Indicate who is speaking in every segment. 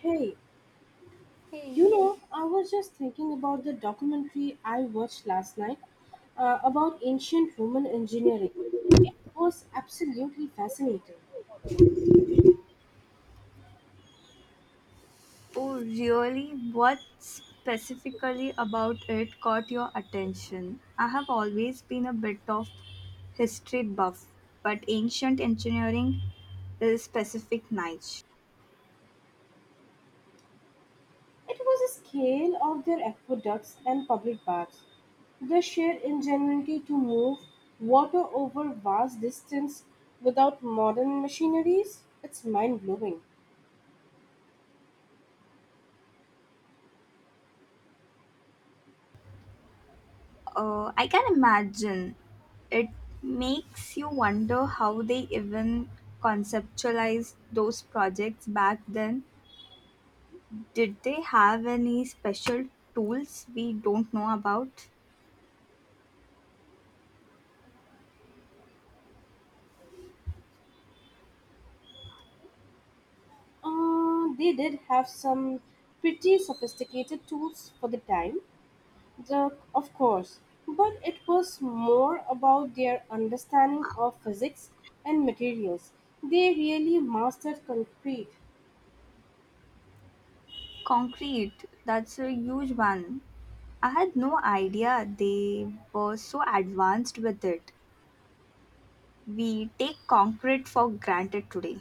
Speaker 1: Hey,
Speaker 2: Hey.
Speaker 1: you know, I was just thinking about the documentary I watched last night, about ancient Roman engineering. It was absolutely fascinating.
Speaker 2: Oh, really? What specifically about it caught your attention? I have always been a bit of history buff, but ancient engineering is specific niche.
Speaker 1: It was a scale of their aqueducts and public baths, the sheer ingenuity to move water over vast distance without modern machineries. It's mind blowing.
Speaker 2: I can imagine. It makes you wonder how they even conceptualized those projects back then. Did they have any special tools we don't know about?
Speaker 1: They did have some pretty sophisticated tools for the time, the, of course, but it was more about their understanding of physics and materials. They really mastered concrete.
Speaker 2: Concrete, that's a huge one. I had no idea they were so advanced with it. We take concrete for granted today.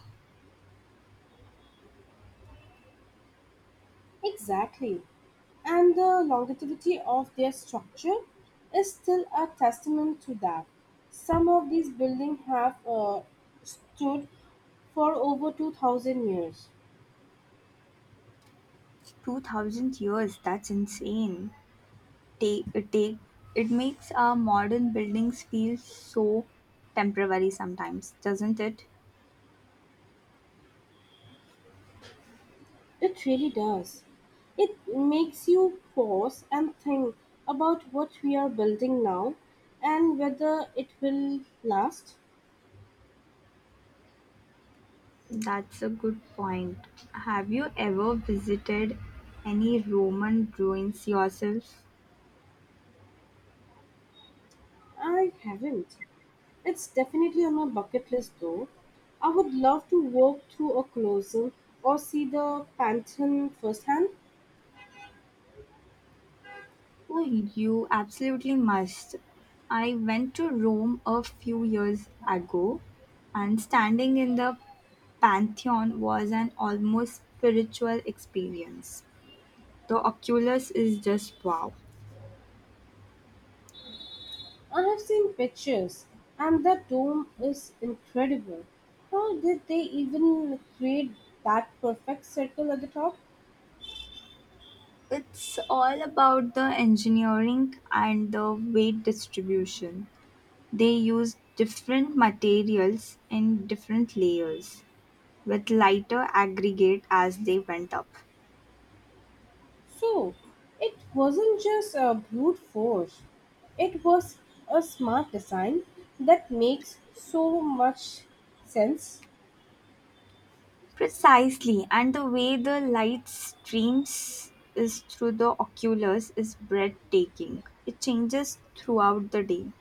Speaker 1: Exactly. And the longevity of their structure is still a testament to that. Some of these buildings have stood for over 2000 years.
Speaker 2: 2000 years, that's insane. Take, it, take, it makes our modern buildings feel so temporary sometimes, doesn't it?
Speaker 1: It really does. It makes you pause and think about what we are building now and whether it will last.
Speaker 2: That's a good point. Have you ever visited any Roman ruins yourself?
Speaker 1: I haven't. It's definitely on my bucket list though. I would love to walk through a closing or see the Pantheon firsthand.
Speaker 2: Oh, you absolutely must. I went to Rome a few years ago, and standing in the Pantheon was an almost spiritual experience. The Oculus is just wow.
Speaker 1: I have seen pictures and that dome is incredible. How did they even create that perfect circle at the top?
Speaker 2: It's all about the engineering and the weight distribution. They use different materials in different layers, with lighter aggregate as they went up.
Speaker 1: So it wasn't just a brute force, it was a smart design that makes so much sense.
Speaker 2: Precisely, and the way the light streams is through the oculus is breathtaking. It changes throughout the day.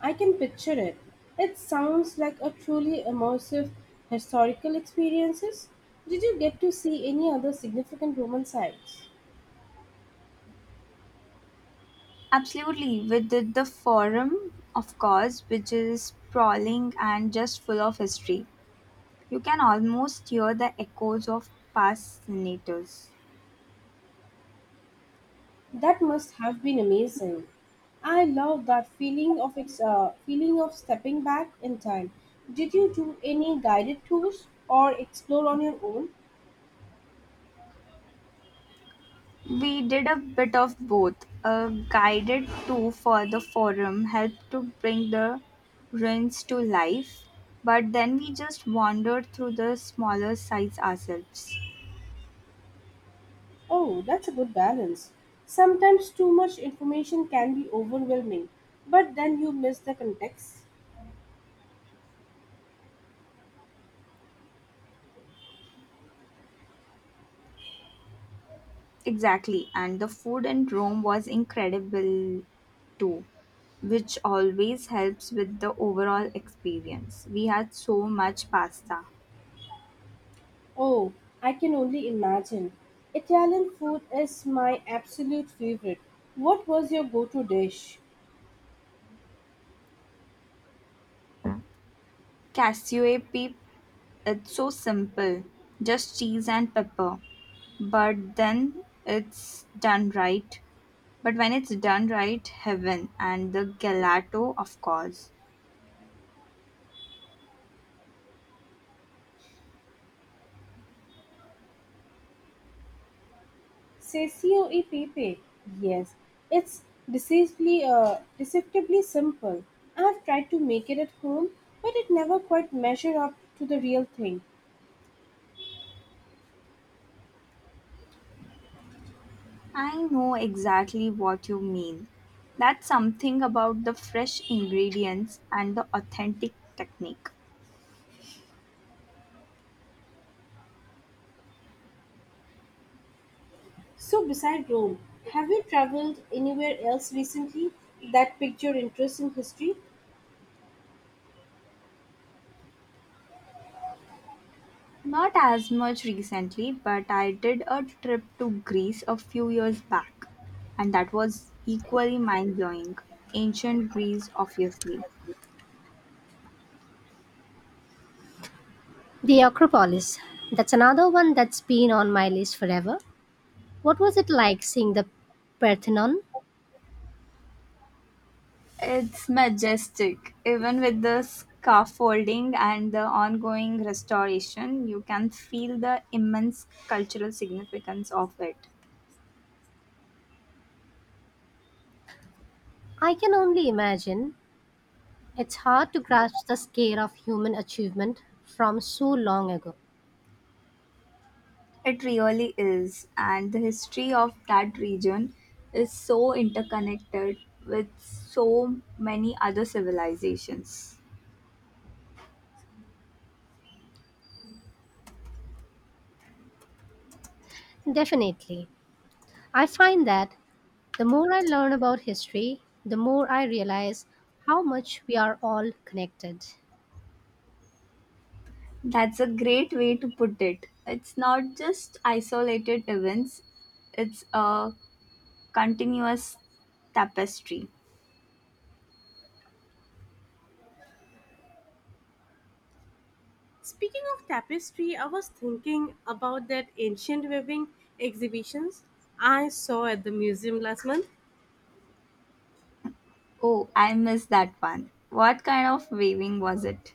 Speaker 1: I can picture it. It sounds like a truly immersive historical experiences. Did you get to see any other significant Roman sites?
Speaker 2: Absolutely, we did the forum, of course, which is sprawling and just full of history. You can almost hear the echoes of past senators.
Speaker 1: That must have been amazing. I love that feeling of feeling of stepping back in time. Did you do any guided tours or explore on your own?
Speaker 2: We did a bit of both. A guided tour for the forum helped to bring the ruins to life, but then we just wandered through the smaller sites ourselves.
Speaker 1: Oh, that's a good balance. Sometimes too much information can be overwhelming, but then you miss the context.
Speaker 2: Exactly, and the food in Rome was incredible too, which always helps with the overall experience. We had so much pasta.
Speaker 1: Oh, I can only imagine. Italian food is my absolute favorite. What was your go to dish?
Speaker 2: Cassiope. It's so simple, just cheese and pepper. But then it's done right. But when it's done right, heaven, and the gelato, of course.
Speaker 1: Ceccio e pepe. Yes, it's deceptively simple. I have tried to make it at home, but it never quite measured up to the real thing.
Speaker 2: I know exactly what you mean. That's something about the fresh ingredients and the authentic technique.
Speaker 1: So, beside Rome, have you traveled anywhere else recently that piqued your interest in history?
Speaker 2: Not as much recently, but I did a trip to Greece a few years back, and that was equally mind blowing. Ancient Greece, obviously.
Speaker 1: The Acropolis. That's another one that's been on my list forever. What was it like seeing the Parthenon?
Speaker 2: It's majestic. Even with the scaffolding and the ongoing restoration, you can feel the immense cultural significance of it.
Speaker 1: I can only imagine. It's hard to grasp the scale of human achievement from so long ago.
Speaker 2: It really is. And the history of that region is so interconnected with so many other civilizations.
Speaker 1: Definitely. I find that the more I learn about history, the more I realize how much we are all connected.
Speaker 2: That's a great way to put it. It's not just isolated events, it's a continuous tapestry.
Speaker 1: Speaking of tapestry, I was thinking about that ancient weaving exhibitions I saw at the museum last month.
Speaker 2: Oh, I missed that one. What kind of weaving was it?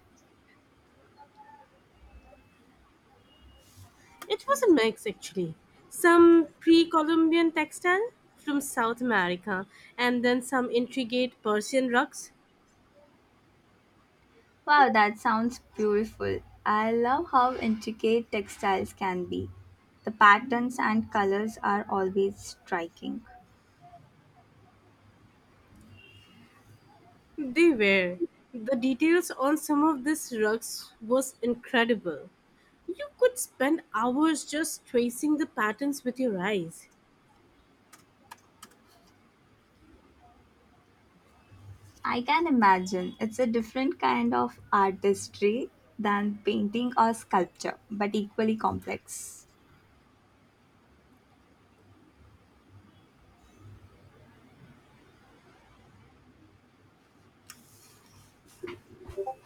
Speaker 1: It was a mix actually. Some pre-Columbian textile from South America and then some intricate Persian rugs.
Speaker 2: Wow, that sounds beautiful. I love how intricate textiles can be. The patterns and colors are always striking.
Speaker 1: They were. The details on some of these rugs was incredible. You could spend hours just tracing the patterns with your eyes.
Speaker 2: I can imagine it's a different kind of artistry than painting or sculpture, but equally complex.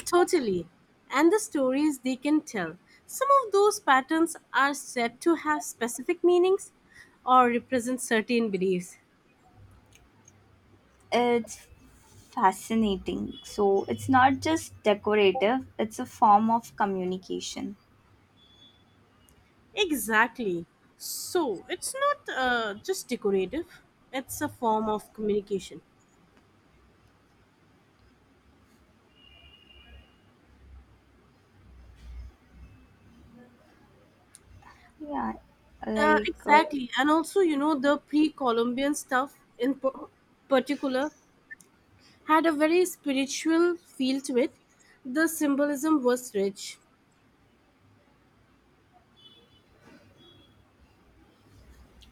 Speaker 1: Totally. And the stories they can tell. Some of those patterns are said to have specific meanings or represent certain beliefs.
Speaker 2: It's fascinating. So it's not just decorative, it's a form of communication.
Speaker 1: Exactly. So it's not just decorative, it's a form of communication.
Speaker 2: Yeah, like. uh,
Speaker 1: Exactly. And also, you know, the pre Columbian stuff in particular had a very spiritual feel to it. The symbolism was rich.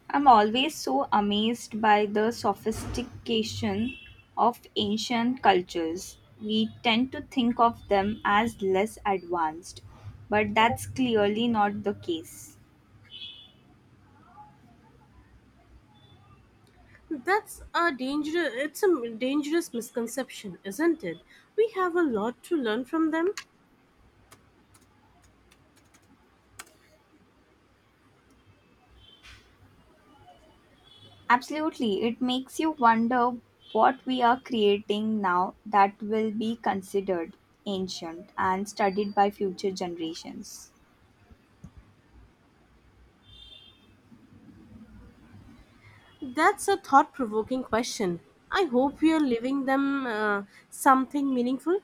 Speaker 2: I'm always so amazed by the sophistication of ancient cultures. We tend to think of them as less advanced, but that's clearly not the case.
Speaker 1: That's a dangerous It's a dangerous misconception, isn't it? We have a lot to learn from them.
Speaker 2: Absolutely, it makes you wonder what we are creating now that will be considered ancient and studied by future generations.
Speaker 1: That's a thought-provoking question. I hope we are leaving them something meaningful.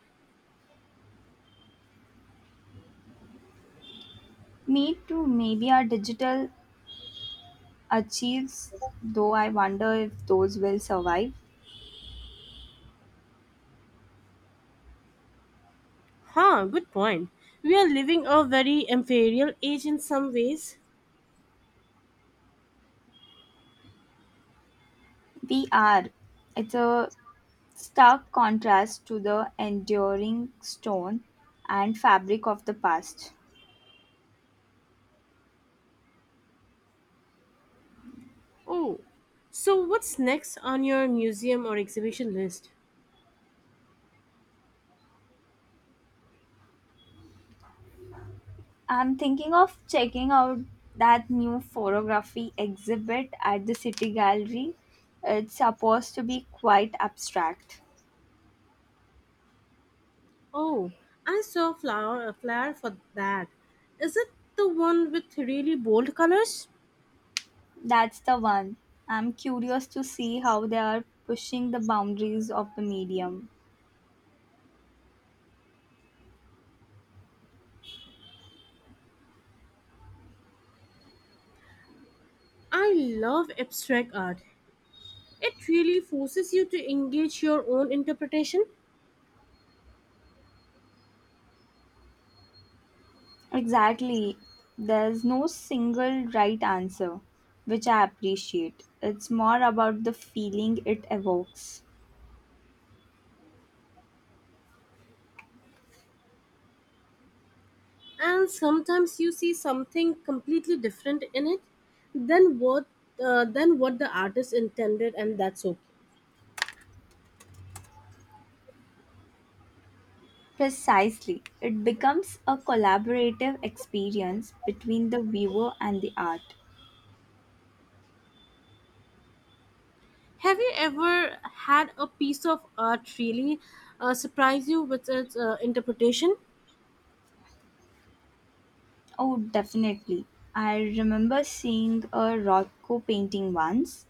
Speaker 2: Me too, maybe our digital achieves, though I wonder if those will survive.
Speaker 1: Huh, good point. We are living a very imperial age in some ways.
Speaker 2: We are. It's a stark contrast to the enduring stone and fabric of the past.
Speaker 1: Oh, so what's next on your museum or exhibition list?
Speaker 2: I'm thinking of checking out that new photography exhibit at the City Gallery. It's supposed to be quite abstract.
Speaker 1: Oh, I saw a flower a flyer for that. Is it the one with really bold colors?
Speaker 2: That's the one. I'm curious to see how they are pushing the boundaries of the medium.
Speaker 1: I love abstract art. It really forces you to engage your own interpretation,
Speaker 2: Exactly. There's no single right answer, which I appreciate. It's more about the feeling it evokes.
Speaker 1: and sometimes you see something completely different in it than what than what the artist intended, and that's okay.
Speaker 2: Precisely. It becomes a collaborative experience between the viewer and the art.
Speaker 1: Have you ever had a piece of art really surprise you with its interpretation?
Speaker 2: Oh, definitely. I remember seeing a Rothko painting once,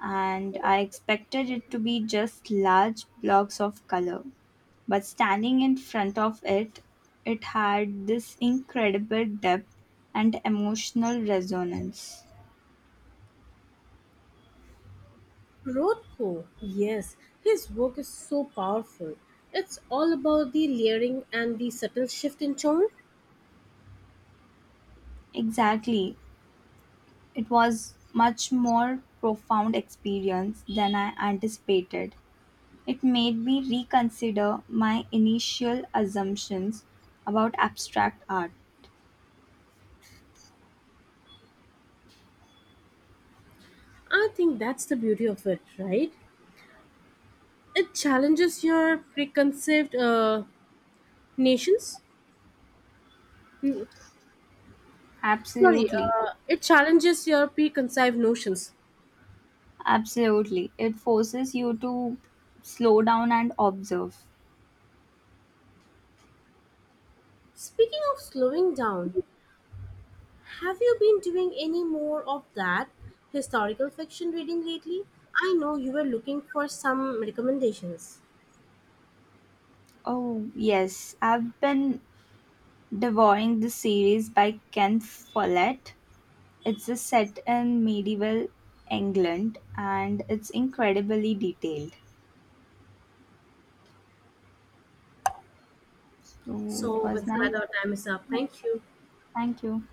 Speaker 2: and I expected it to be just large blocks of color. But standing in front of it, it had this incredible depth and emotional resonance.
Speaker 1: Rothko, yes, his work is so powerful. It's all about the layering and the subtle shift in tone.
Speaker 2: Exactly. It was much more profound experience than I anticipated. It made me reconsider my initial assumptions about abstract art.
Speaker 1: I think that's the beauty of it, right? It challenges your preconceived nations. Mm, Sorry,
Speaker 2: Absolutely.
Speaker 1: it challenges your preconceived notions.
Speaker 2: Absolutely. It forces you to slow down and observe.
Speaker 1: Speaking of slowing down, have you been doing any more of that historical fiction reading lately? I know you were looking for some recommendations.
Speaker 2: Oh, yes. I've been devouring the series by Ken Follett. It's a set in medieval England and it's incredibly detailed. So it
Speaker 1: So,
Speaker 2: was
Speaker 1: with
Speaker 2: nice.
Speaker 1: that, our time is up. Thank you.
Speaker 2: Thank you.